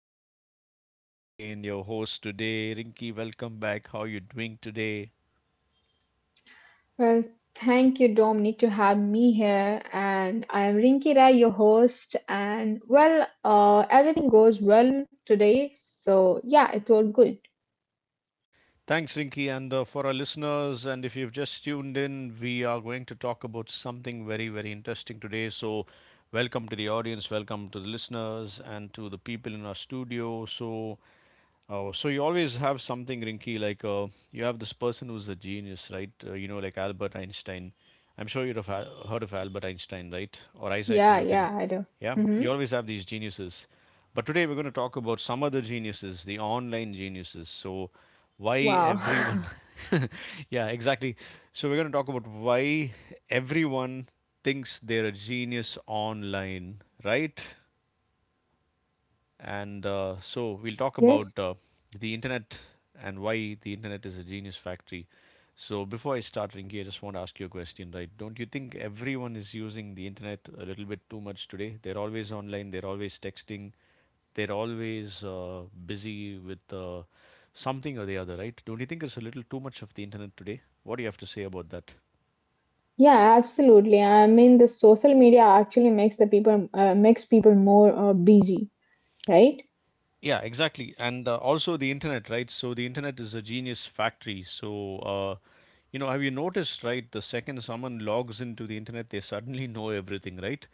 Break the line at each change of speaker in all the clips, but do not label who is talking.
Dominic, and Rinky again, your host today. Rinky, welcome back. How are you doing today?
Well, thank you, Dominic, to have me here. And I am Rinki Rai, your host. And well, everything goes well today. So yeah, it all good.
Thanks, Rinky. And for our listeners, and if you've just tuned in, we are going to talk about something very, very interesting today. So, welcome to the audience, welcome to the listeners, and to the people in our studio. So, oh, so you always have something, Rinky. Like you have this person who's a genius, right? Like Albert Einstein. I'm sure you'd have heard of Albert Einstein, right? Or Isaac
Yeah,
Newton.
yeah, I do.
Yeah,
Mm-hmm.
you always have these geniuses. But today we're going to talk about some other geniuses, the online geniuses. So why
Wow.
everyone? Yeah, exactly. So we're going to talk about why everyone thinks they're a genius online, right? And so we'll talk
Yes.
about the internet and why the internet is a genius factory. So before I start, Rinki, I just want to ask you a question, right? Don't you think everyone is using the internet a little bit too much today? They're always online, they're always texting, they're always busy with something or the other, right? Don't you think it's a little too much of the internet today? What do you have to say about that?
Yeah, absolutely. I mean, the social media actually makes the people makes people more busy, right?
Yeah, exactly. And also the internet, right? So the internet is a genius factory. So, have you noticed, right? The second someone logs into the internet, they suddenly know everything, right?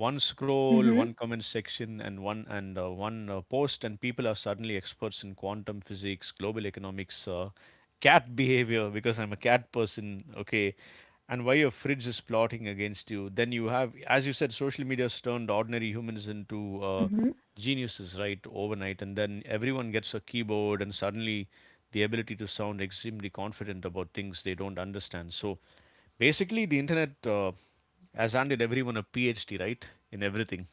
One scroll,
Mm-hmm.
one comment section, and one post, and people are suddenly experts in quantum physics, global economics, cat behavior, because I'm a cat person. Okay, and why your fridge is plotting against you. Then you have, as you said, social media has turned ordinary humans into geniuses, right, overnight. And then everyone gets a keyboard and suddenly the ability to sound extremely confident about things they don't understand. So basically the internet has handed everyone a phd, right, in everything.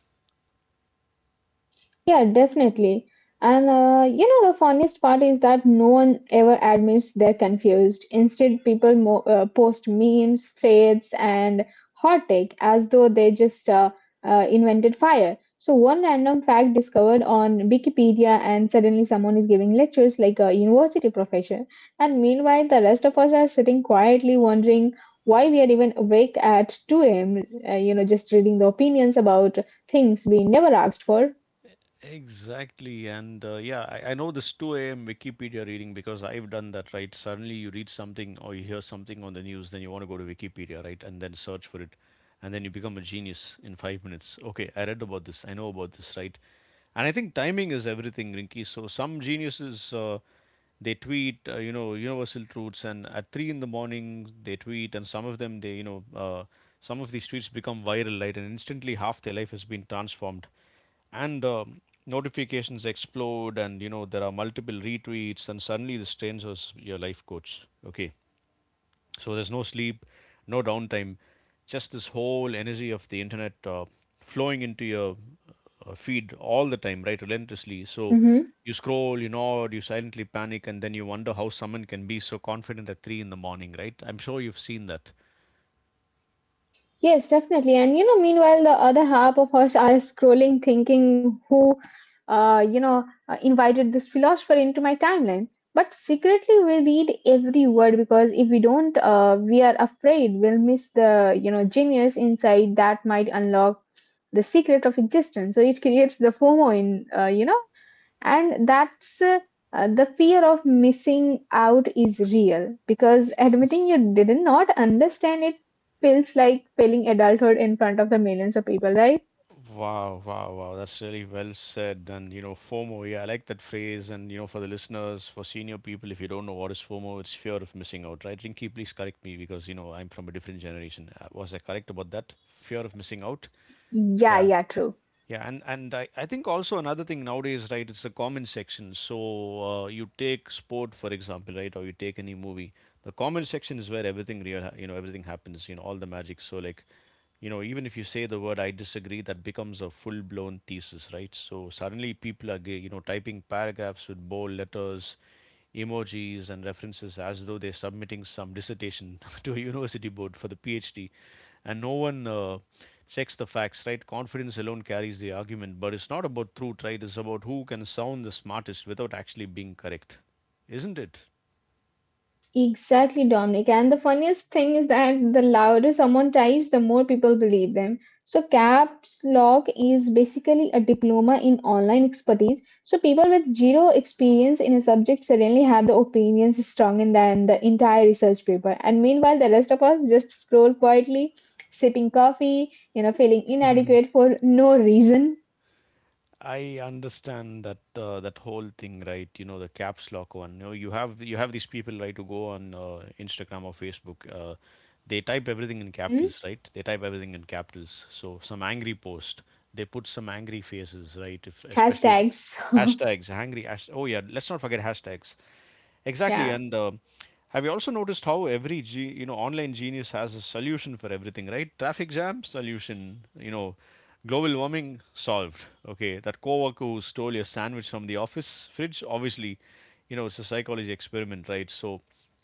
Yeah, definitely. And you know, the funniest part is that no one ever admits they're confused. Instead, people mo post memes, threads, and hot take as though they just invented fire. So, one random fact discovered on Wikipedia, and suddenly someone is giving lectures like a university professor. And meanwhile, the rest of us are sitting quietly wondering why we are even awake at 2 a.m., you know, just reading the opinions about things we never asked for.
Exactly. And yeah, I know this 2 a.m. Wikipedia reading because I've done that, right? Suddenly you read something or you hear something on the news, then you want to go to Wikipedia, right? And then search for it. And then you become a genius in 5 minutes. Okay, I read about this. I know about this, right? And I think timing is everything, Rinky. So some geniuses they tweet universal truths, and at three in the morning they tweet, and some of them, they some of these tweets become viral, right? And instantly half their life has been transformed, and notifications explode, and you know there are multiple retweets, and suddenly this stranger is your life coach. Okay, so there's no sleep, no downtime, just this whole energy of the internet flowing into your feed all the time, right? Relentlessly. So
Mhm.
you scroll, you nod, you silently panic, and then you wonder how someone can be so confident at three in the morning, right? I'm sure you've seen that.
Yes, definitely. And you know, meanwhile, the other half of us are scrolling, thinking who invited this philosopher into my timeline. But secretly, we read every word because if we don't, we are afraid we'll miss the, you know, genius inside that might unlock the secret of existence. So it creates the FOMO in, you know, and that's The fear of missing out is real because admitting you did not understand it feels like failing adulthood in front of the millions of people, right?
Wow, wow, wow. That's really well said. And, you know, FOMO, yeah, I like that phrase. And, you know, for the listeners, for senior people, if you don't know what is FOMO, it's fear of missing out, right? Rinky, please correct me because, you know, I'm from a different generation. Was I correct about that? Fear of missing out?
Yeah,
Yeah.
yeah, true.
Yeah, and I think also another thing nowadays, right? It's the comment section. So you take sport, for example, right? Or you take any movie. The comment section is where everything real, everything happens. You know, all the magic. So like, you know, even if you say the word "I disagree," that becomes a full-blown thesis, right? So suddenly people are, typing paragraphs with bold letters, emojis, and references as though they're submitting some dissertation to a university board for the PhD, and no one checks the facts, right? Confidence alone carries the argument, but it's not about truth, right? It's about who can sound the smartest without actually being correct, isn't it?
Exactly, Dominic. And the funniest thing is that the louder someone types, the more people believe them. So, caps lock is basically a diploma in online expertise. So, people with zero experience in a subject suddenly have the opinions stronger than the entire research paper. And meanwhile, the rest of us just scroll quietly, sipping coffee, you know, feeling inadequate for no reason.
I understand that whole thing, right? You know, the caps lock one. You know, you have these people, right, who go on Instagram or Facebook. They type everything in
Hmm.
capitals, right? They type everything in capitals. So some angry post, they put some angry faces, right? If especially if
Hashtags.
hashtags, angry. Oh yeah, let's not forget hashtags. Exactly,
Yeah.
and have you also noticed how every you know, online genius has a solution for everything, right? Traffic jam solution, you know, global warming solved. Okay, that coworker who stole your sandwich from the office fridge, obviously, you know, it's a psychology experiment, right? So,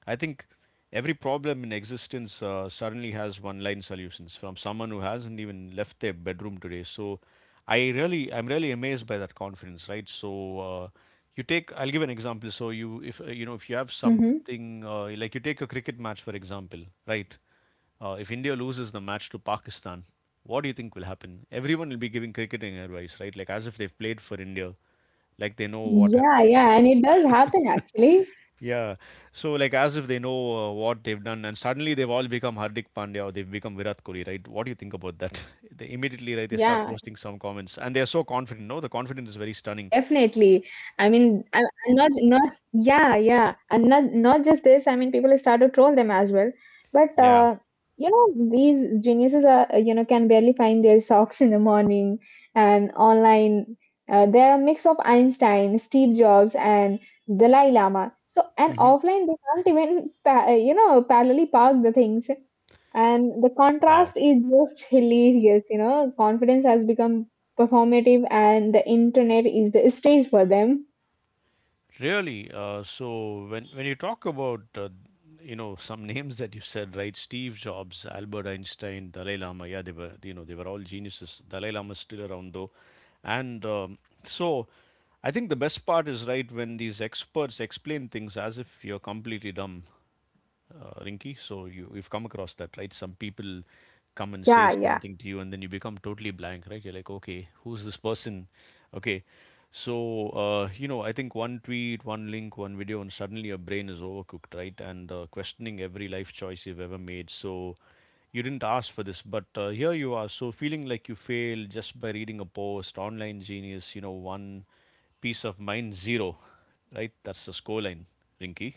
I think. Every problem in existence suddenly has one line solutions from someone who hasn't even left their bedroom today. So I'm really amazed by that confidence, right? So you take, I'll give an example. So you, if if you have
Hmm.
something like you take a cricket match, for example, right? If India loses the match to Pakistan, what do you think will happen? Everyone will be giving cricketing advice, right? Like as if they've played for India, like they know what.
Yeah, yeah. And it does happen actually.
Yeah. So like as if they know what they've done, and suddenly they've all become Hardik Pandya, or they've become Virat Kohli, right? What do you think about that? They immediately, right? They start
Yeah,
posting some comments, and they are so
yeah,
confident. No, the confidence
definitely.
is very
I
stunning.
mean, I- and not not yeah, yeah, and not not just this. I mean, people start to troll them as well. But
Yeah.
you know, these geniuses are you know can barely find their socks in the morning, and online they are a mix of Einstein, Steve Jobs, and Dalai Lama. So and
Hmm.
offline they can't even pa you know parallelly park the things. And the
Wow.
contrast is just hilarious, you know. Confidence has become performative and the internet is the stage for them.
Really? So when you talk about some names that you said, right? Steve Jobs, Albert Einstein, Dalai Lama. Yeah, they were, you know, they were all geniuses. Dalai Lama is still around though, and so I think the best part is, right, when these experts explain things as if you're completely dumb, Rinky. So you've come across that, right? Some people come and say
Yeah, yeah.
something to you, and then you become totally blank, right? You're like, okay, who's this person? Okay, so I think one tweet, one link, one video, and suddenly your brain is overcooked, right? And questioning every life choice you've ever made. So you didn't ask for this, but here you are. So feeling like you failed just by reading a post, online genius, you know, one, piece of mind zero, right? That's the score line, Rinky.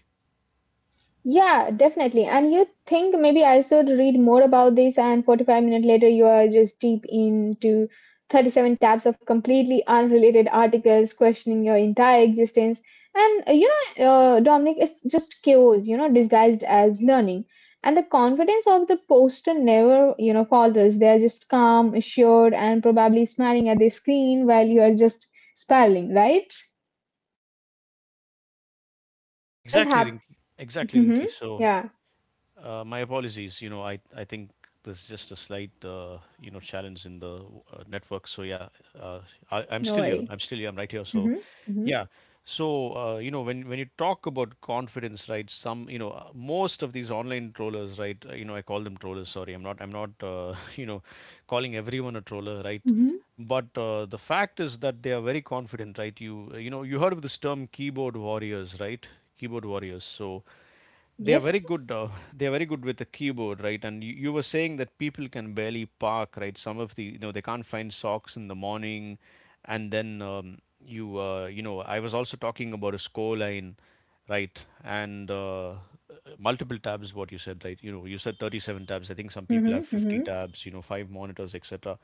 Yeah, definitely. And you think maybe I should read more about this, and 45 minutes later, you are just deep into 37 tabs of completely unrelated articles questioning your entire existence. And Dominic, it's just chaos, you know, disguised as learning. And the confidence of the poster never, you know, falters. They are just calm, assured, and probably smiling at the screen while you are just spiraling, right? It does
Exactly,
happen.
Rinki. Exactly,
Hmm.
Rinki. So,
Yeah,
my apologies. You know, I think there's just a slight challenge in the network. So yeah, uh, I, I'm
no
still here.
worry.
I'm still here. I'm right here. So
Mm-hmm. Mm-hmm.
yeah. So when you talk about confidence, right? Some, you know, most of these online trollers, right? You know, I call them trollers. Sorry, I'm not. I'm not. You know, calling everyone a troller, right?
Mm-hmm.
But the fact is that they are very confident, right? You know, you heard of this term, keyboard warriors, right? Keyboard warriors. So they are very
Yes.
good, they are very good with the keyboard, right? And you were saying that people can barely park, right? Some of the, you know, they can't find socks in the morning, and then you you know I was also talking about a score line, right? And multiple tabs, what you said, right? You know, you said 37 tabs. I think some people have
Mm-hmm.
50
Mm-hmm.
tabs, you know, five monitors, etc.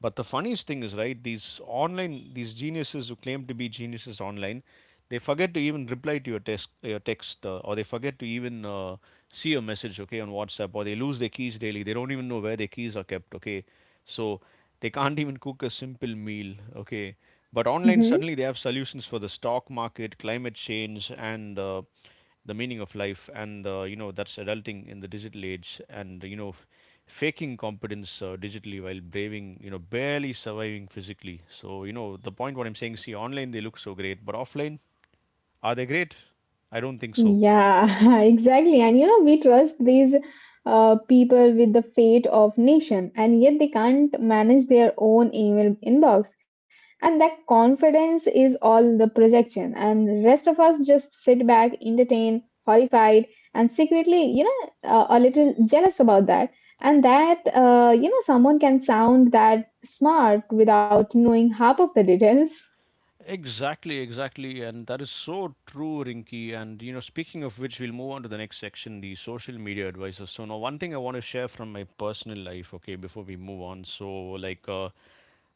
But the funniest thing is, right, these geniuses who claim to be geniuses online, they forget to even reply to your text, or they forget to even see your message, okay, on WhatsApp. Or they lose their keys daily. They don't even know where their keys are kept, okay. So they can't even cook a simple meal, okay. But online,
Mm-hmm.
suddenly they have solutions for the stock market, climate change, and the meaning of life. And that's adulting in the digital age, and you know, faking competence digitally while barely surviving physically. So you know the point what I'm saying. See, online they look so great, but offline, are they great? I don't think so.
Yeah, exactly. And you know, we trust these people with the fate of nation, and yet they can't manage their own email inbox. And that confidence is all the projection. And the rest of us just sit back, entertained, horrified, and secretly, a little jealous about that. And you know, someone can sound that smart without knowing half of the details.
Exactly, exactly. And that is so true, Rinky. And, you know, speaking of which, we'll move on to the next section, the social media advisors. So, now, one thing I want to share from my personal life, okay, before we move on. So, like, uh,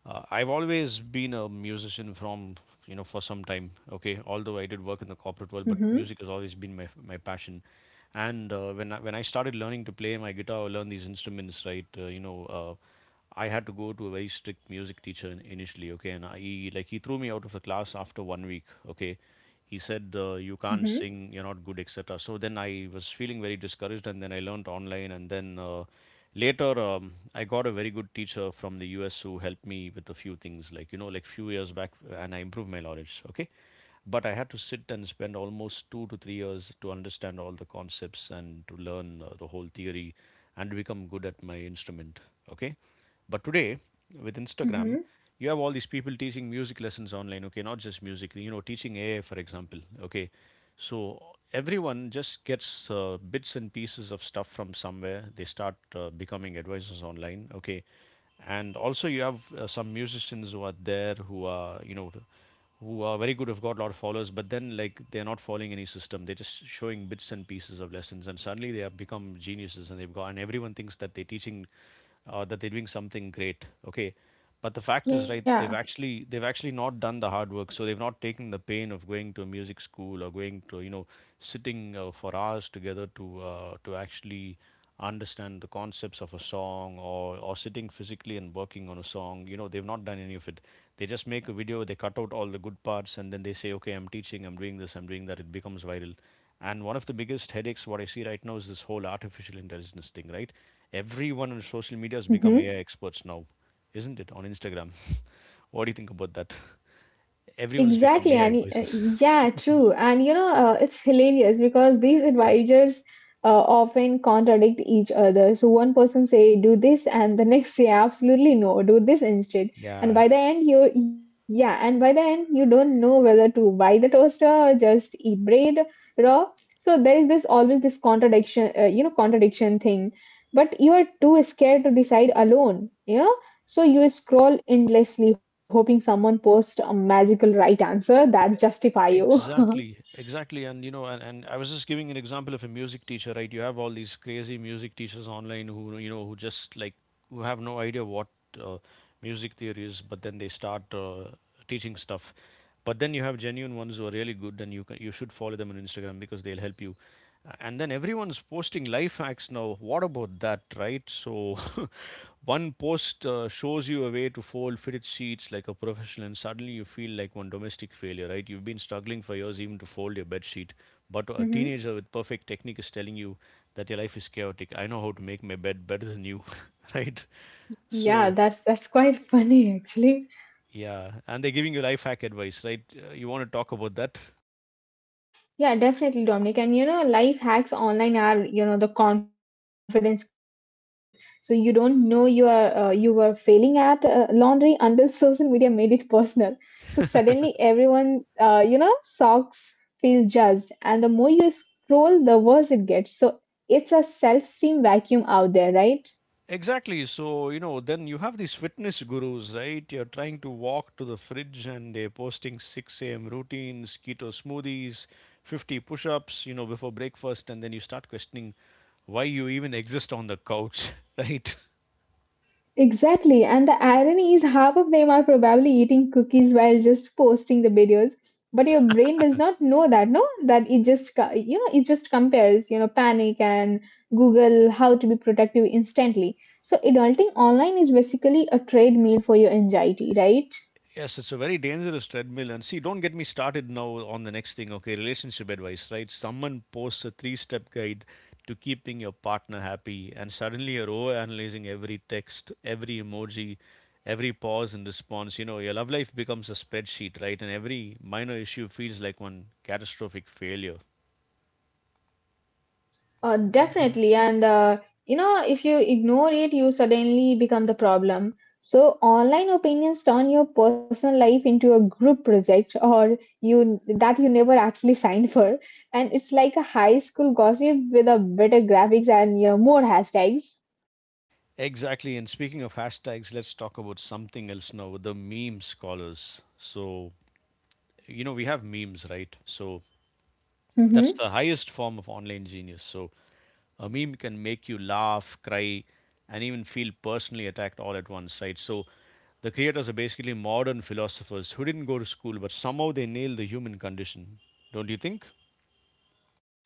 uh, I've always been a musician from, for some time, okay, although I did work in the corporate world, but
Mm-hmm,
music has always been my passion. And when I started learning to play my guitar or learn these instruments, right, I had to go to a very strict music teacher initially, okay, and I, he like he threw me out of the class after one week, okay. He said you can't
mm-hmm,
sing, you're not good, et cetera. So then I was feeling very discouraged, and then I learned online, and then later I got a very good teacher from the US who helped me with a few things, like you know, like few years back, and I improved my knowledge, okay. But I had to sit and spend almost 2 to 3 years to understand all the concepts and to learn the whole theory and to become good at my instrument. Okay. But today, with Instagram,
mm-hmm.
you have all these people teaching music lessons online. Okay. Not just music, you know, teaching AI, for example. Okay. So everyone just gets bits and pieces of stuff from somewhere. They start becoming advisors online. Okay. And also you have some musicians who are there who are who are very good, have got a lot of followers, but then like they're not following any system. They're just showing bits and pieces of lessons, and suddenly they have become geniuses, and they've got and everyone thinks that they're teaching, that they're doing something great. Okay, but the fact is, right?
Yeah.
They've actually not done the hard work, so they've not taken the pain of going to a music school or going to, you know, sitting for hours together to actually understand the concepts of a song or sitting physically and working on a song, you know, they've not done any of it. They just make a video, they cut out all the good parts, and then they say, okay, I'm teaching, I'm doing this, I'm doing that, it becomes viral. And one of the biggest headaches what I see right now is this whole artificial intelligence thing, right? Everyone on social media has become
Mhm.
AI experts now, isn't it? On Instagram. What do you think about that? Everyone's
Exactly,
become AI
and yeah,
advisors.
true. And you know, it's hilarious because these
Yes.
advisors uh, often contradict each other. So one person say do this, and the next say absolutely no, do this instead. And
Yeah.
by the end, you don't know whether to buy the toaster or just eat bread raw. So there is this always this contradiction, contradiction thing. But you are too scared to decide alone. You know so you scroll endlessly, hoping someone posts a magical right answer that justify you.
Exactly, exactly. And you know, and I was just giving an example of a music teacher, right? You have all these crazy music teachers online who, you know, who just like who have no idea what uh, music theory is, but then they start teaching stuff. But then you have genuine ones who are really good, and you can, you should follow them on Instagram because they'll help you. And then everyone's posting life hacks now, what about that, right? So one post shows you a way to fold fitted sheets like a professional, and suddenly you feel like one domestic failure, right? You've been struggling for years even to fold your bed sheet, but a
Hmm.
teenager with perfect technique is telling you that your life is chaotic. I know how to make my bed better than you. Right?
Yeah,
So
that's quite funny actually.
yeah, and they're giving you life hack advice, right? You want to talk about that?
Yeah, definitely, Dominic. And you know, life hacks online are you know the confidence killer. So you don't know you are you were failing at laundry until social media made it personal. So suddenly everyone you know socks feel judged, and the more you scroll, the worse it gets. So it's a self-esteem vacuum out there, right?
Exactly. So, you know, then you have these fitness gurus, right? You're trying to walk to the fridge and they're posting 6 a.m. routines, keto smoothies, 50 push ups, you know, before breakfast. And then you start questioning why you even exist on the couch, right?
Exactly, and the irony is half of them are probably eating cookies while just posting the videos. But your brain does not know that, no? That it just, you know, it just compares, you know, panic and Google how to be productive instantly. So adulting online is basically a treadmill for your anxiety, right?
Yes, it's a very dangerous treadmill. And see, don't get me started now on the next thing, okay? Relationship advice, right? Someone posts a three step guide to keeping your partner happy, and suddenly you're over analyzing every text, every emoji, every pause and response. You know, your love life becomes a spreadsheet, right? And every minor issue feels like one catastrophic failure.
Definitely. And, you know, if you ignore it, you suddenly become the problem. So, online opinions turn your personal life into a group project or you that you never actually signed for. And it's like a high school gossip with a better graphics and you know, more hashtags.
Exactly. And speaking of hashtags, let's talk about something else now, the meme scholars. So, you know, we have memes, right? So that's the
Mm-hmm.
highest form of online genius. So a meme can make you laugh, cry, and even feel personally attacked all at once, right? So the creators are basically modern philosophers who didn't go to school, but somehow they nailed the human condition. Don't you think?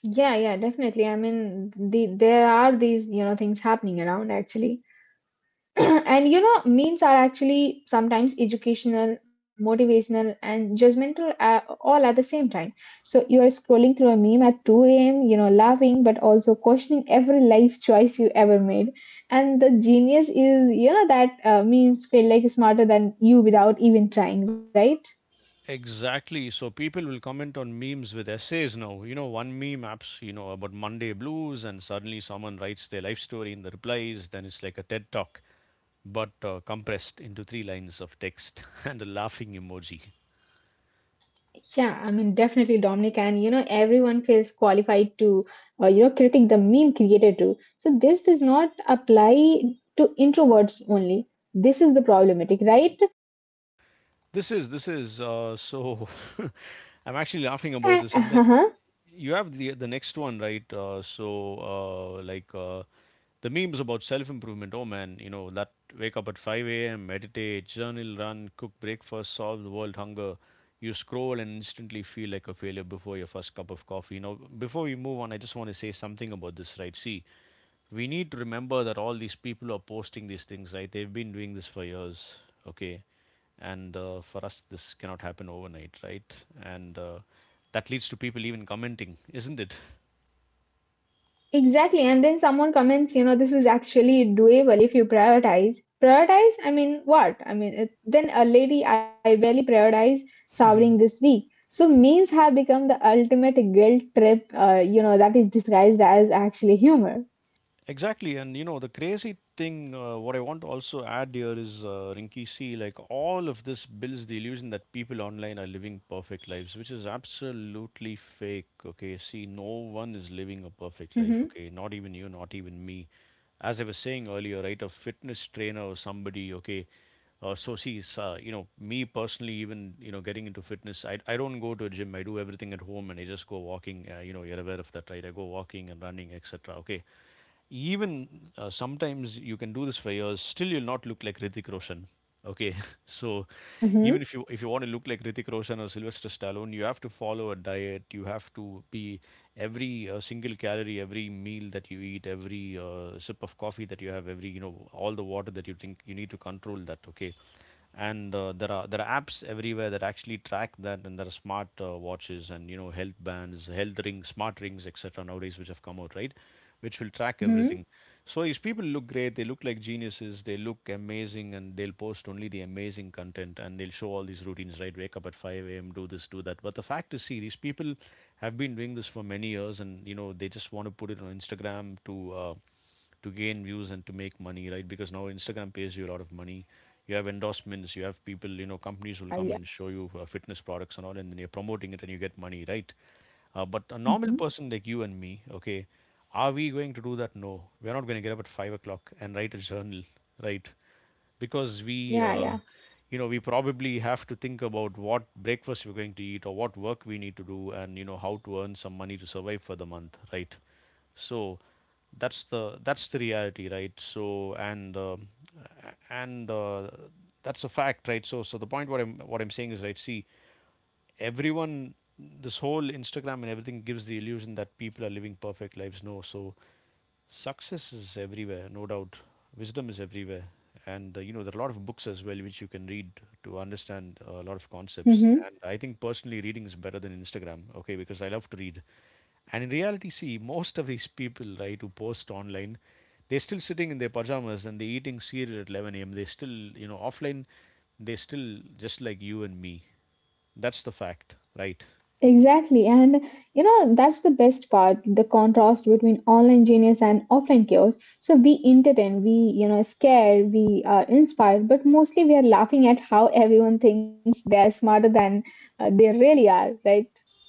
Yeah, yeah, definitely. I mean, the, there are these, you know, things happening around actually. And you know memes are actually sometimes educational motivational and judgmental all at the same time so you are scrolling through a meme at 2 a.m. you know laughing but also questioning every life choice you ever made and the genius is you know that memes feel like smarter than you without even trying right.
Exactly. So people will comment on memes with essays now. You know, one meme apps, you know, about Monday blues, and suddenly someone writes their life story in the replies. Then it's like a TED talk, but compressed into three lines of text and a laughing emoji.
Yeah, I mean, definitely, Dominic, and you know, everyone feels qualified to, you know, critic the meme creator too. So this does not apply to introverts only. This is the problematic, right?
This is so. I'm actually laughing about this, and then
Uh-huh.
you have the next one, right? Uh, like uh, the memes about self improvement. Oh man, you know that wake up at 5 a.m., meditate, journal, run, cook breakfast, solve the world hunger. You scroll and instantly feel like a failure before your first cup of coffee. Now, before we move on, I just want to say something about this, right? See, we need to remember that all these people are posting these things, right? They've been doing this for years. Okay, and for us this cannot happen overnight, right? And that leads to people even commenting, isn't it?
Exactly. And then someone comments, you know, this is actually doable if you prioritize. Prioritize? I mean, what? Then a lady, I barely prioritize showering this week. So memes have become the ultimate guilt trip, that is disguised as actually humor.
Exactly, and you know the crazy thing. What I want to also add here is, Rinky, see, like all of this builds the illusion that people online are living perfect lives, which is absolutely fake. Okay, see, no one is living a perfect life.
Mm-hmm.
Okay, not even you, not even me. As I was saying earlier, right, a fitness trainer or somebody. Okay, so see, you know, me personally, even you know, getting into fitness, I don't go to a gym. I do everything at home, and I just go walking. You know, you're aware of that, right? I go walking and running, etc. Okay. Even sometimes you can do this for years, still you'll not look like Hrithik Roshan. Okay, so even
Mm-hmm.
if you want to look like Hrithik Roshan or Sylvester Stallone, you have to follow a diet. You have to be every single calorie, every meal that you eat, every sip of coffee that you have, every you know all the water that you drink. You need to control that. Okay, and there are apps everywhere that actually track that, and there are smart watches and you know health bands, health rings, smart rings, etc., nowadays, which have come out, right? Which will track
Mm-hmm.
everything. So these people look great, they look like geniuses, they look amazing, and they'll post only the amazing content and they'll show all these routines, right? Wake up at 5 a.m., do this, do that. But the fact is, see, these people have been doing this for many years and, you know, they just want to put it on Instagram to gain views and to make money, right? Because now Instagram pays you a lot of money. You have endorsements, you have people, you know, companies will
Yeah,
come
yeah.
and show you fitness products and all, and then you're promoting it and you get money, right? But a normal
Hmm.
person like you and me, okay, are we going to do that? No, we're not going to get up at 5 o'clock and write a journal, right? Because we,
Yeah,
uh,
yeah.
you know, we probably have to think about what breakfast we're going to eat or what work we need to do, and you know how to earn some money to survive for the month, right? So that's the reality, right? So and a- and That's a fact, right? So the point what I'm saying is, right. See, everyone, this whole Instagram and everything gives the illusion that people are living perfect lives, no? So success is everywhere, no doubt. Wisdom is everywhere. And you know there are a lot of books as well which you can read to understand a lot of concepts,
Mm-hmm.
and I think personally reading is better than Instagram, okay, because I love to read. And in reality, see, most of these people, right, who post online, they're still sitting in their pajamas and they're eating cereal at 11 a.m., they're still, you know, offline, they're still just like you and me. That's the fact, right?
Exactly. And you know, that's the best part, the contrast between online genius and offline chaos. So we entertain, we, you know, scare, we are inspired, but mostly we are laughing at how everyone thinks they're smarter than they really are, right?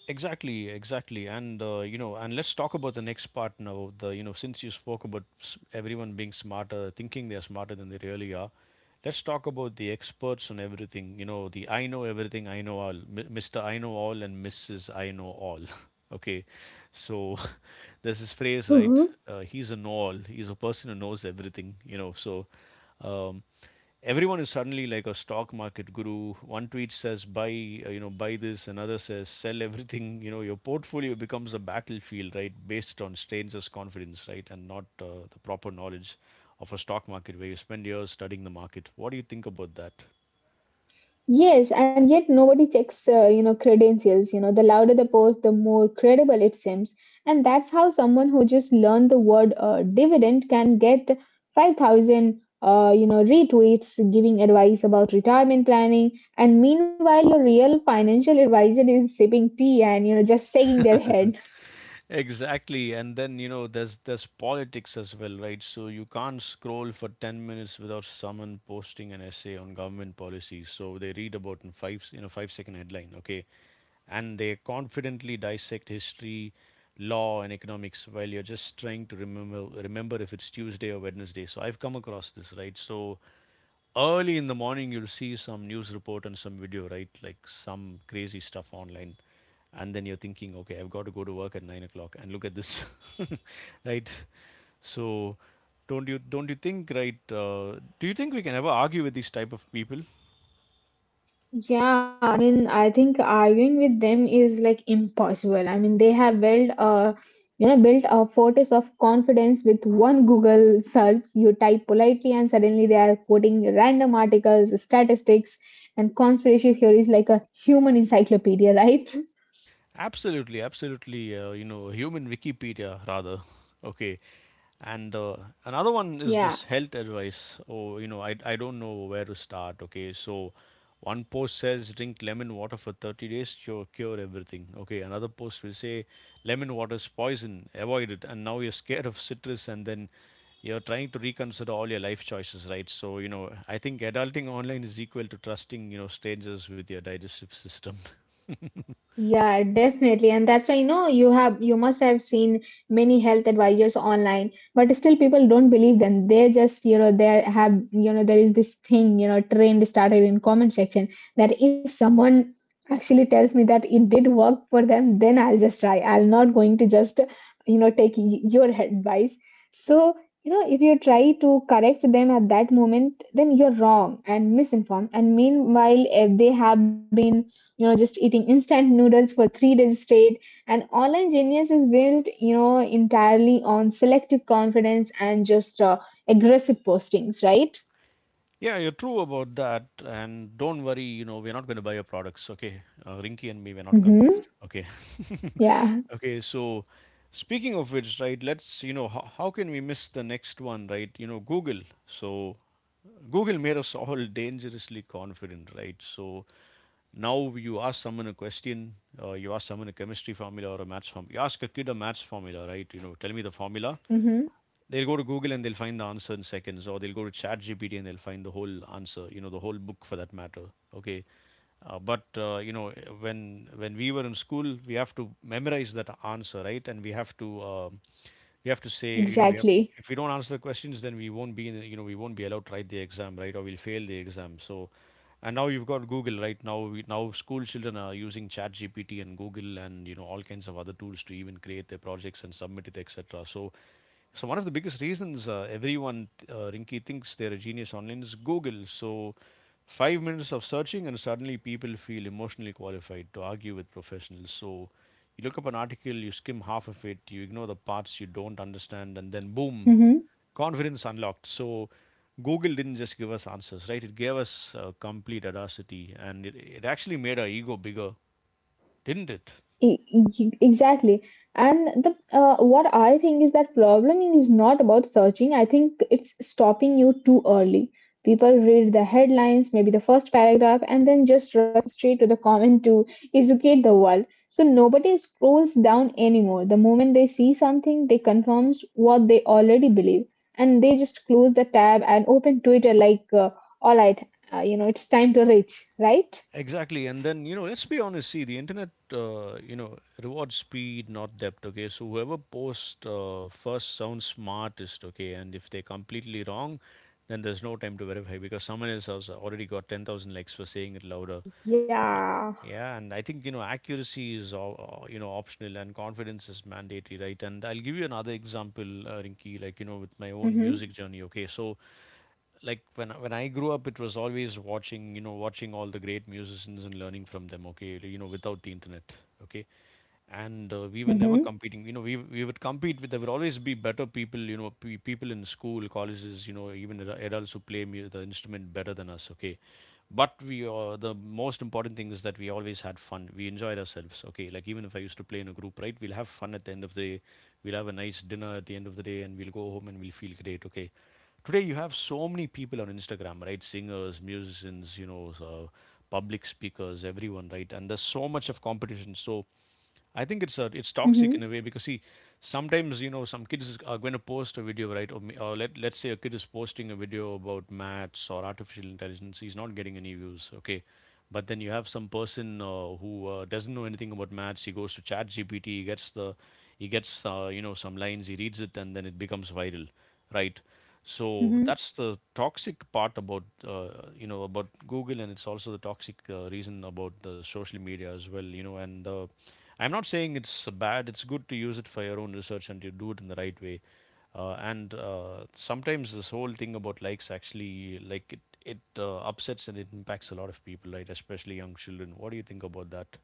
Exactly, exactly. And you know, and let's talk about the next part now. The you know, since you spoke about everyone being smarter, thinking they're smarter than they really are, let's talk about the experts on everything. You know, the I know everything, I know all, Mr. I know all, and Mrs. I know all. Okay, so there's this phrase, right? He's a know all. He's a person who knows everything. Um, Everyone is suddenly like a stock market guru. One tweet says buy, buy this, another says sell everything. You know, your portfolio becomes a battlefield, right, based on strangers' confidence, right, and not the proper knowledge of a stock market where you spend years studying the market. What do you think about that?
Yes, and yet nobody checks, you know, credentials. You know, the louder the post, the more credible it seems. And that's how someone who just learned the word dividend can get 5,000, you know, retweets giving advice about retirement planning. And meanwhile, your real financial advisor is sipping tea and, you know, just shaking their head.
Exactly, and then you know there's politics as well, right? So you can't scroll for 10 minutes without someone posting an essay on government policies. So they read about in five, 5 second headline. Okay, and they confidently dissect history, law, and economics while you're just trying to remember if it's Tuesday or Wednesday. So I've come across this, right? So early in the morning, you'll see some news report and some video, right? Like some crazy stuff online. And then you're thinking, okay, I've got to go to work at 9 o'clock, and look at this, right? So, don't you think, right? Do you think we can ever argue with these type of people?
Yeah, I mean, I think arguing with them is like impossible. I mean, they have built a fortress of confidence with one Google search. You type politely, and suddenly they are quoting random articles, statistics, and conspiracy theories like a human encyclopedia, right?
Absolutely, absolutely. Human Wikipedia rather. Okay, and another one is
Yeah.
this health advice. Oh, you know, I don't know where to start. Okay, so one post says drink lemon water for 30 days, cure everything. Okay, another post will say lemon water is poison, avoid it. And now you're scared of citrus, and then you're trying to reconsider all your life choices, right? So, you know, I think adulting online is equal to trusting, you know, strangers with your digestive system.
Yeah, definitely. And that's why, you know, you have you must have seen many health advisors online, but still people don't believe them. They just, you know, they have, you know, there is this thing, you know, trend started in comment section that if someone actually tells me that it did work for them, then I'll just try. I'm not going to just, you know, take your advice. So, you know, if you try to correct them at that moment, then you're wrong and misinformed. And meanwhile, if they have been you know just eating instant noodles for 3 days straight and online genius is built you know entirely on selective confidence and just aggressive postings right.
Yeah, you're true about that. And don't worry, you know, we're not going to buy your products, okay? Rinky and me, we're not convinced,
Mm-hmm.
okay?
Yeah.
Okay, so speaking of which, right, let's, you know, how can we miss the next one, right? You know, Google. So Google made us all dangerously confident, right? So now you ask someone a question, you ask someone a chemistry formula or a maths formula, you ask a kid a maths formula, right? You know, tell me the formula.
Mm-hmm.
They'll go to Google and they'll find the answer in seconds, or they'll go to ChatGPT and they'll find the whole answer, you know, the whole book for that matter. Okay, uh, but uh, you know, when we were in school, we have to memorize that answer, right? And we have to say, you know, we have
Exactly.
if we don't answer the questions, then we won't be in, we won't be allowed to write the exam, right? Or we'll fail the exam. So, and now you've got Google, right? Now school children are using ChatGPT and Google and you know all kinds of other tools to even create their projects and submit it, etc. So so one of the biggest reasons everyone, Rinky, thinks they're a genius online is Google. So 5 minutes of searching and suddenly people feel emotionally qualified to argue with professionals. So you look up an article, you skim half of it, you ignore the parts you don't understand, and then boom,
Mm-hmm.
confidence unlocked. So Google didn't just give us answers, right? It gave us complete audacity, and it actually made our ego bigger, didn't it?
Exactly. And the what I think is that probleming is not about searching. I think it's stopping you too early. People read the headlines, maybe the first paragraph, and then just rush straight to the comment to educate the world. So nobody scrolls down anymore. The moment they see something, they confirms what they already believe, and they just close the tab and open Twitter like, all right, you know, it's time to reach, right?
Exactly, and then you know, let's be honest. See, the internet, rewards speed, not depth. Okay, so whoever posts first sounds smartest. Okay, and if they're completely wrong, then there's no time to verify because someone else has already got 10,000 likes for saying it louder.
Yeah.
Yeah, and I think you know accuracy is all, you know optional and confidence is mandatory, right? And I'll give you another example, Rinki, like you know with my own
Mm-hmm.
music journey. Okay, so like when I grew up, it was always watching you know watching all the great musicians and learning from them. Okay, you know without the internet. Okay, and we were never
Mm-hmm.
competing, you know, we would compete with, there would always be better people, you know, pe people in school, colleges, you know, even adults who the instrument better than us, okay, but we, the most important thing is that we always had fun, we enjoyed ourselves. Okay, like even if I used to play in a group, right, we'll have fun at the end of the day, we'll have a nice dinner at the end of the day and we'll go home and we'll feel great. Okay, today you have so many people on Instagram, right? Singers, musicians, you know, so public speakers, everyone, right? And there's so much of competition. So I think it's toxic in a
Mm-hmm.
way because see, sometimes you know some are going to post a video, right? Or, or let let's say a kid is posting a video about maths or artificial intelligence, he's not getting any views, okay? But then you have some person who doesn't know anything about maths. He goes to Chat GPT, he gets the, he gets you know some lines, he reads it, and then it becomes viral, right? So that's the toxic part about you know about Google, and it's also the toxic reason about the social media as well, you know, and I'm not saying it's bad. It's good to use it for your own research and you do it in the right way. And sometimes this whole thing about likes actually like it upsets and it impacts a lot of people, right? Especially young children. What do you think about that?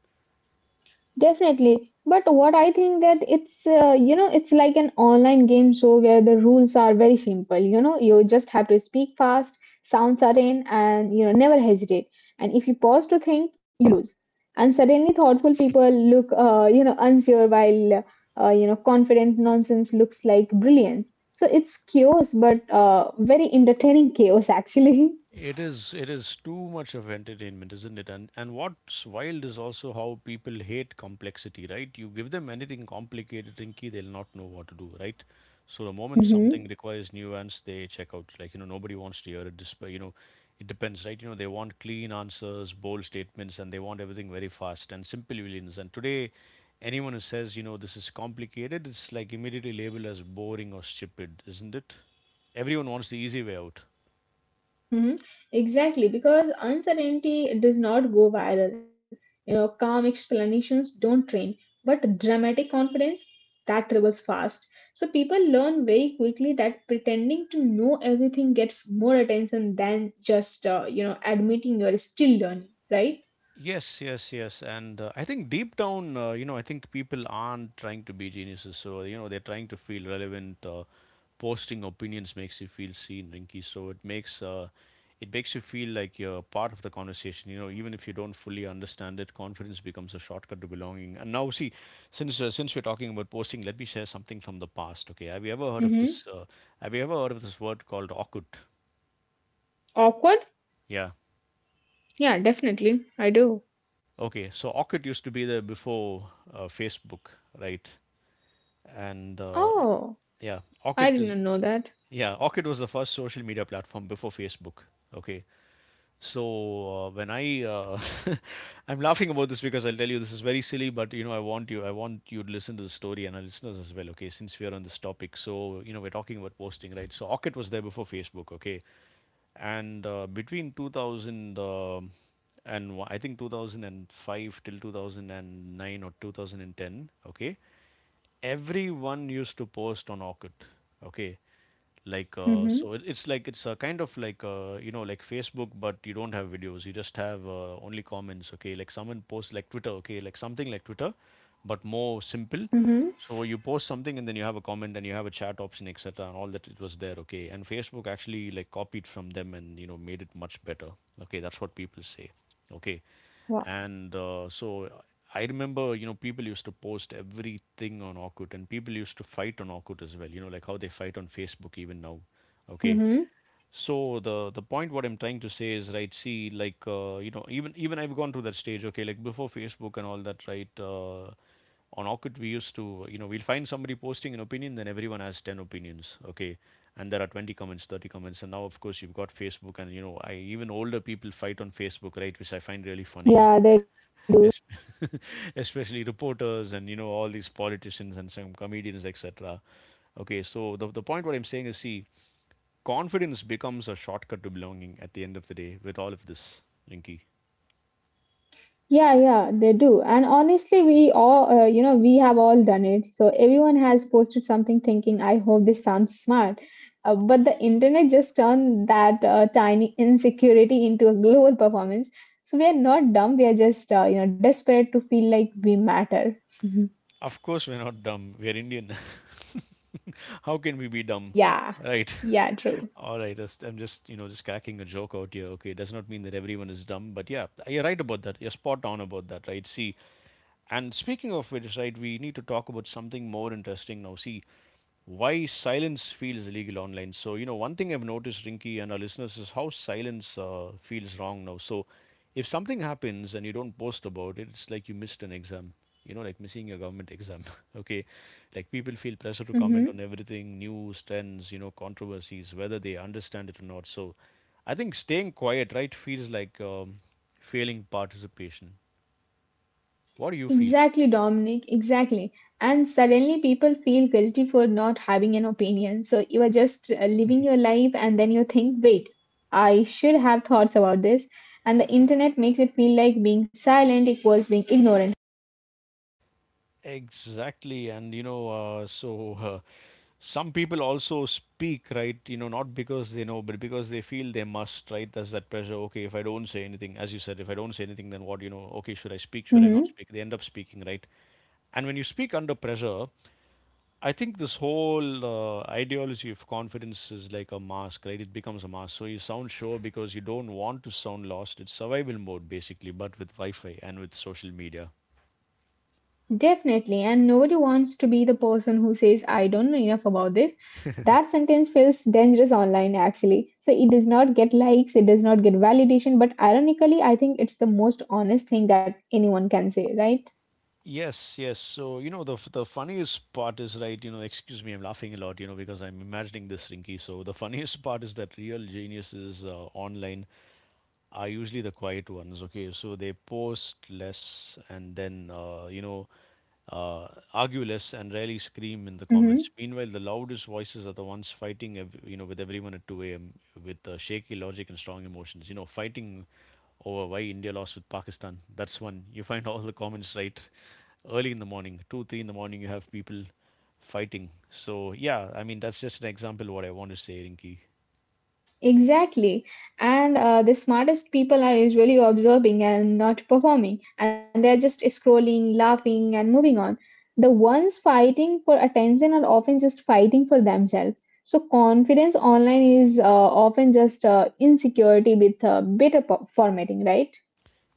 Definitely. But what I think that it's, you know, it's like an online game show where the rules are very simple. You know, you just have to speak fast, sound certain, and, you know, never hesitate. And if you pause to think, you lose. And suddenly thoughtful people look, you know, unsure while, you know, confident nonsense looks like brilliance. So it's chaos, but very entertaining chaos, actually.
It is too much of entertainment, isn't it? And what's wild is also how people hate complexity, right? You give them anything complicated, Rinky, they'll not know what to do, right? So the moment something requires nuance, they check out. Like, you know, nobody wants to hear it despite you know, it depends, right? You know, they want clean answers, bold statements, and they want everything very fast and simple villains. And today anyone who says, you know, this is complicated, it's like immediately labeled as boring or stupid, isn't it? Everyone wants the easy way out.
Mhm. Exactly, because uncertainty does not go viral. You know, calm explanations don't train, but dramatic confidence that travels fast. So people learn very quickly that pretending to know everything gets more attention than just you know admitting you're still learning, right?
Yes, yes, yes. And I think deep down, I think people aren't trying to be geniuses. So, you know, they're trying to feel relevant. Posting opinions makes you feel seen, Rinky. So it makes you feel like you're part of the conversation. You know, even if you don't fully understand it, confidence becomes a shortcut to belonging. And now, see, since we're talking about posting, let me share something from the past. Okay, have you ever heard of
Mm-hmm.
this? Have you ever heard of this word called awkward?
Awkward?
Yeah.
Yeah, definitely. I do.
Okay, so Orkut used to be there before Facebook, right? And
Oh,
yeah,
I
orchid
did not
is
know that.
yeah, orchid was the first social media platform before Facebook. Okay, so when I I'm laughing about this because I'll tell you this is very silly, but you know I want you to listen to the story and our listeners as well. Okay, since we are on this topic, so you know we're talking about posting, right? So orchid was there before Facebook. Okay, and between 2000, and I think 2005 till 2009 or 2010, okay, everyone used to post on Orkut. Okay, like so
Mm-hmm.
it, it's like it's a kind of like like Facebook, but you don't have videos. You just have only comments. Okay, like someone posts like Twitter. Okay, like something like Twitter, but more simple.
Mm-hmm.
So you post something and then you have a comment and you have a chat option, etc. And all that it was there. Okay, and Facebook actually like copied from them and you know made it much better. Okay, that's what people say. Okay,
Wow.
and so I remember, you know, people used to post everything on Orkut, and people used to fight on Orkut as well. You know, like how they fight on Facebook even now. Okay,
Mm-hmm.
so the point what I'm trying to say is right. See, like you know, even I've gone through that stage. Okay, like before Facebook and all that, right? On Orkut, we used to, you know, we'll find somebody posting an opinion, then everyone has 10 opinions, okay? And there are 20 comments, 30 comments. And now, of course, you've got Facebook, and, you know, I even older people fight on Facebook, right? Which I find really funny,
Yeah, they
es- especially reporters and, you know, all these politicians and some comedians, etc. So the point what I'm saying is, see, confidence becomes a shortcut to belonging at the end of the day with all of this, Linky.
Yeah, yeah, they do. And honestly, we all, you know, we have all done it. So everyone has posted something thinking, I hope this sounds smart. But the internet just turned that tiny insecurity into a global performance. So we are not dumb. We are just, you know, desperate to feel like we matter.
Of course, we're not dumb. We're Indian. How can we be dumb?
Yeah,
Right.
yeah, true.
All right. You know, just cracking a joke out here. Okay. It does not mean that everyone is dumb, but yeah, you're right about that. You're spot on about that, right? See, and speaking of which, right, we need to talk about something more interesting now. See, why silence feels illegal online. So, you know, one thing I've noticed, Rinky, and our listeners, is how silence feels wrong now. So, if something happens and you don't post about it, it's like you missed an exam, you know, like missing your government exam. Okay. Like, people feel pressure to
Mm-hmm.
comment on everything: news, trends, you know, controversies, whether they understand it or not. So, I think staying quiet, right, feels like failing participation. What do you feel?
Exactly, Dominic, exactly. And suddenly people feel guilty for not having an opinion. So you are just living your life and then you think, wait, I should have thoughts about this. And the internet makes it feel like being silent equals being ignorant.
Exactly, and you know, so some people also speak, right, you know, not because they know, but because they feel they must, right? There's that pressure. Okay, if I don't say anything, as you said, if I don't say anything, then what? You know, okay, should I speak, should I not
Hmm.
speak? They end up speaking, right? And when you speak under pressure, I think this whole ideology of confidence is like a mask, right? It becomes a mask. So you sound sure because you don't want to sound lost. It's survival mode, basically, but with Wi-Fi and with social media.
Definitely. And nobody wants to be the person who says, I don't know enough about this. That sentence feels dangerous online, actually. So it does not get likes, it does not get validation. But ironically, I think it's the most honest thing that anyone can say, right?
Yes, yes. So, you know, the funniest part is, right, you know, excuse me, I'm laughing a lot, you know, because I'm imagining this, Rinky. So, the funniest part is that real genius is online, are usually the quiet ones. Okay, so they post less, and then uh, argue less and rarely scream in the comments.
Mhm.
Meanwhile, the loudest voices are the ones fighting, ev- you know, with everyone at 2 a.m. with shaky logic and strong emotions. You know, fighting over why India lost with Pakistan. That's one. You find all the comments, right, early in the morning, two, three in the morning. You have people fighting. So yeah, I mean, that's just an example of what I want to say, Rinki.
Exactly. And the smartest people are usually observing and not performing, and they're just scrolling, laughing, and moving on. The ones fighting for attention are often just fighting for themselves. So, confidence online is often just insecurity with better formatting, right?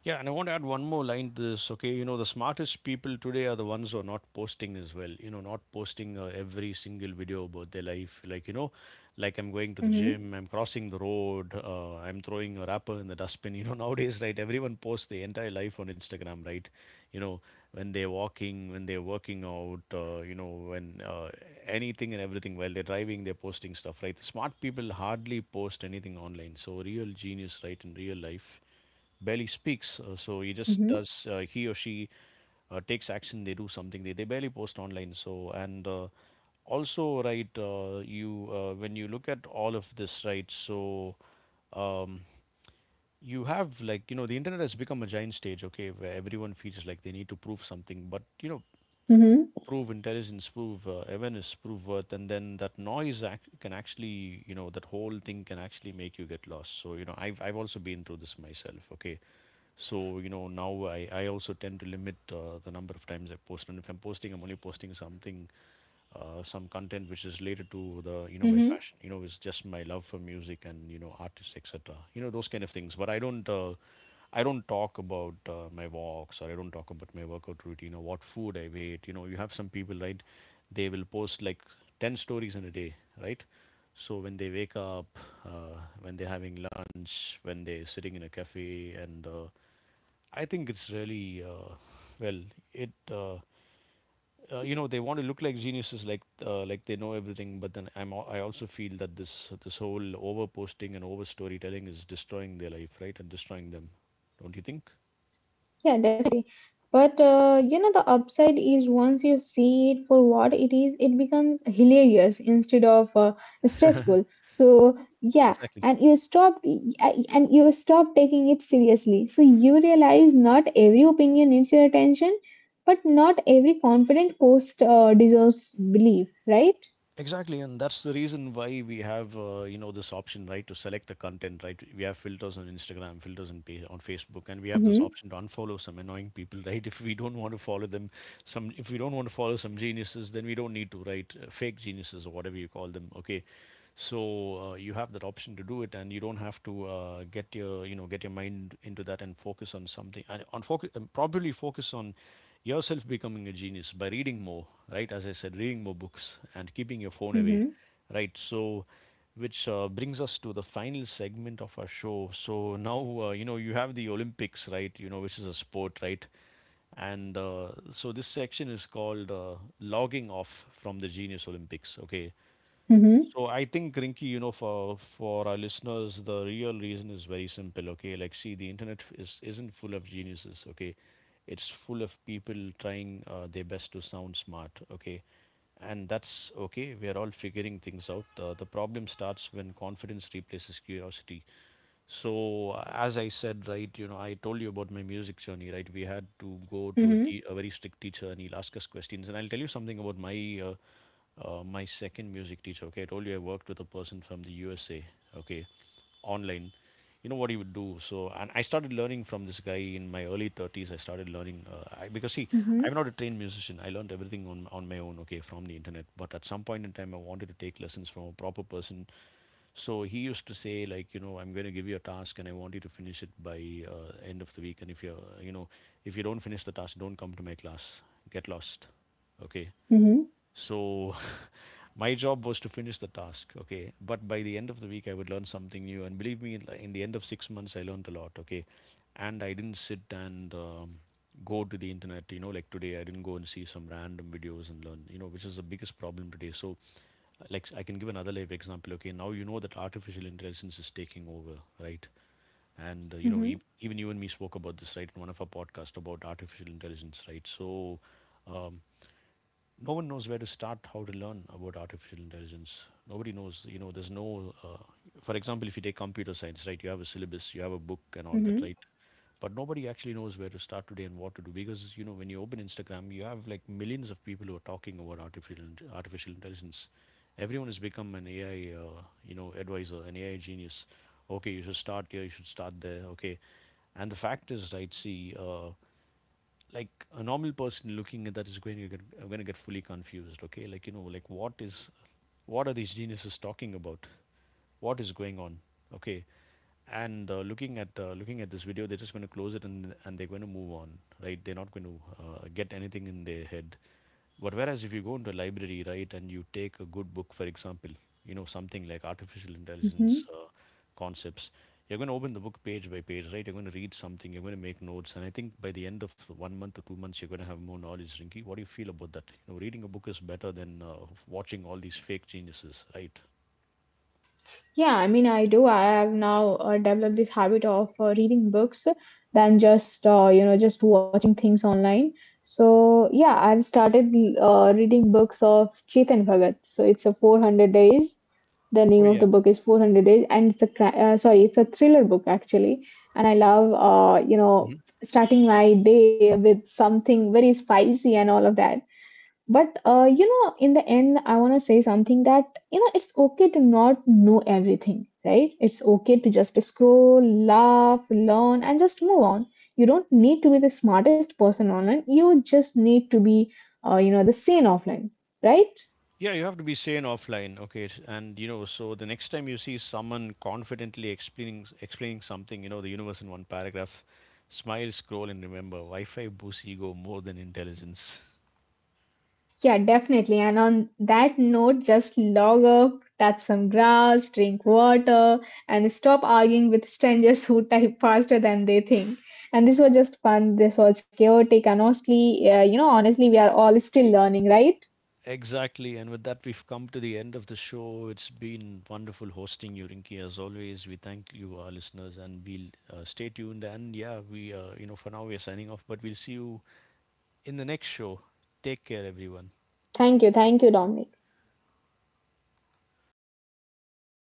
Yeah, and I want to add one more line to this. Okay, you know, the smartest people today are the ones who are not posting as well. You know, not posting every single video about their life. Like, you know, like, I'm going to the
Mm-hmm.
gym, I'm crossing the road, I'm throwing a wrapper in the dustbin. You know, nowadays, right, everyone posts their entire life on Instagram, right? You know, when they're walking, when they're working out, you know, when anything and everything, while they're driving, they're posting stuff, right? The smart people hardly post anything online. So, real genius, right, in real life barely speaks. So he just
Mm-hmm.
does, he or she takes action, they do something, they barely post online. So, and also, right, you, when you look at all of this, right, so um, you have, like, you know, the internet has become a giant stage, okay, where everyone feels like they need to prove something. But, you know,
Mm-hmm.
prove intelligence, prove awareness, prove worth, and then that noise ac- can actually, you know, that whole thing can actually make you get lost. So, you know, I've also been through this myself, okay? So, you know, now I also tend to limit the number of times I post. And if I'm posting, I'm only posting something some content which is related to, the, you know,
Mm-hmm.
my passion. You know, it's just my love for music and, you know, artists, etc. You know, those kind of things. But I don't I don't talk about my walks, or I don't talk about my workout routine, or what food I ate. You know, you have some people, right, they will post like 10 stories in a day, right? So when they wake up, when they're having lunch, when they're sitting in a cafe, and I think it's really well it you know, they want to look like geniuses, like they know everything. But then I also feel that this whole over posting and over storytelling is destroying their life, right, and destroying them. Don't you think?
Yeah, definitely. But you know, the upside is once you see it for what it is, it becomes hilarious instead of stressful. So yeah,
Exactly.
and you stop taking it seriously. So you realize not every opinion needs your attention, but not every confident post deserves belief, right?
Exactly. And that's the reason why we have, you know, this option, right, to select the content, right. We have filters on Instagram, filters on, pa- on Facebook, and we have this
Mm-hmm,
option to unfollow some annoying people, right? If we don't want to follow them, some, if we don't want to follow some geniuses, then we don't need to, right? Fake geniuses, or whatever you call them. Okay, so you have that option to do it, and you don't have to get your, you know, get your mind into that, and focus on something, and on focus, and probably focus on yourself becoming a genius by reading more, right? As I said, reading more books and keeping your phone away,
mm-hmm,
right? So, which brings us to the final segment of our show. So now, you know, you have the Olympics, right, you know, which is a sport, right? And so this section is called, logging off from the genius Olympics. Okay,
mm-hmm,
so I think, Rinky, you know, for our listeners, the real reason is very simple. Okay, like, see, the internet is isn't full of geniuses, okay, it's full of people trying their best to sound smart, okay? And that's okay, we are all figuring things out. The problem starts when confidence replaces curiosity. So as I said, right, you know, I told you about my music journey, right? We had to go to a,
mm-hmm,
te- a very strict teacher, and he'll ask us questions. And I'll tell you something about my uh, my second music teacher. Okay, I told you I worked with a person from the USA. Okay, online, you know what he would do. So, and I started learning from this guy in my early 30s. I started learning, I, because see,
mm-hmm,
I'm not a trained musician. I learned everything on my own, okay, from the internet. But at some point in time, I wanted to take lessons from a proper person. So he used to say, like, you know, I'm going to give you a task and I want you to finish it by end of the week. And if you're, you know, if you don't finish the task, don't come to my class. Get lost, okay.
mm-hmm,
So my job was to finish the task, okay? But by the end of the week, I would learn something new. And believe me, in the end of 6 months, I learned a lot, okay? And I didn't sit and go to the internet, you know, like today, I didn't go and see some random videos and learn, you know, which is the biggest problem today. So, like, I can give another live example, okay? Now you know that artificial intelligence is taking over, right? And you know,
mm-hmm,
e- even you and me spoke about this, right, in one of our podcasts about artificial intelligence, right? So um, no one knows where to start, how to learn about artificial intelligence. Nobody knows, you know, there's no for example, if you take computer science, right, you have a syllabus, you have a book and all that,
mm-hmm.
right? But nobody actually knows where to start today and what to do, because, you know, when you open Instagram, you have like millions of people who are talking about artificial intelligence. Everyone has become an AI you know, advisor, an AI genius. Okay, you should start here, you should start there. Okay, and the fact is, right, see, like a normal person looking at that is going to get, I'm going to get fully confused. Okay, like, you know, like, what are these geniuses talking about? What is going on? Okay, and looking at this video, they're just going to close it, and they're going to move on. Right? They're not going to get anything in their head. But whereas if you go into a library, right, and you take a good book, for example, you know, something like artificial intelligence
Mm-hmm.
concepts, you're going to open the book page by page, right? You're going to read something, you're going to make notes. And I think by the end of 1 month or 2 months, you're going to have more knowledge, Rinki. What do you feel about that? You know, reading a book is better than watching all these fake geniuses, right?
Yeah, I mean, I do. I have now developed this habit of reading books than just, you know, just watching things online. So, yeah, I've started reading books of Chetan Bhagat. So, it's a 400 days. The
Oh
name of
yeah.
the book is 400 Days, and it's a thriller book actually. And I love, you know, starting my day with something very spicy and all of that. But you know, in the end, I want to say something that you know, it's okay to not know everything, right? It's okay to just scroll, laugh, learn, and just move on. You don't need to be the smartest person online. You just need to be, you know, the sane offline, right?
Yeah, you have to be sane offline, okay? And you know, so the next time you see someone confidently explaining something, you know, the universe in one paragraph, smile, scroll, and remember, Wi-Fi boosts ego more than intelligence.
Yeah, definitely. And on that note, just log off, touch some grass, drink water, and stop arguing with strangers who type faster than they think. And this was just fun. This was chaotic. And honestly, honestly, we are all still learning, right?
Exactly, and with that, we've come to the end of the show. It's been wonderful hosting you, Rinki. As always, we thank you, our listeners, and we'll stay tuned. And yeah, we, you know, for now we are signing off, but we'll see you in the next show. Take care, everyone.
Thank you. Thank you, Dominic.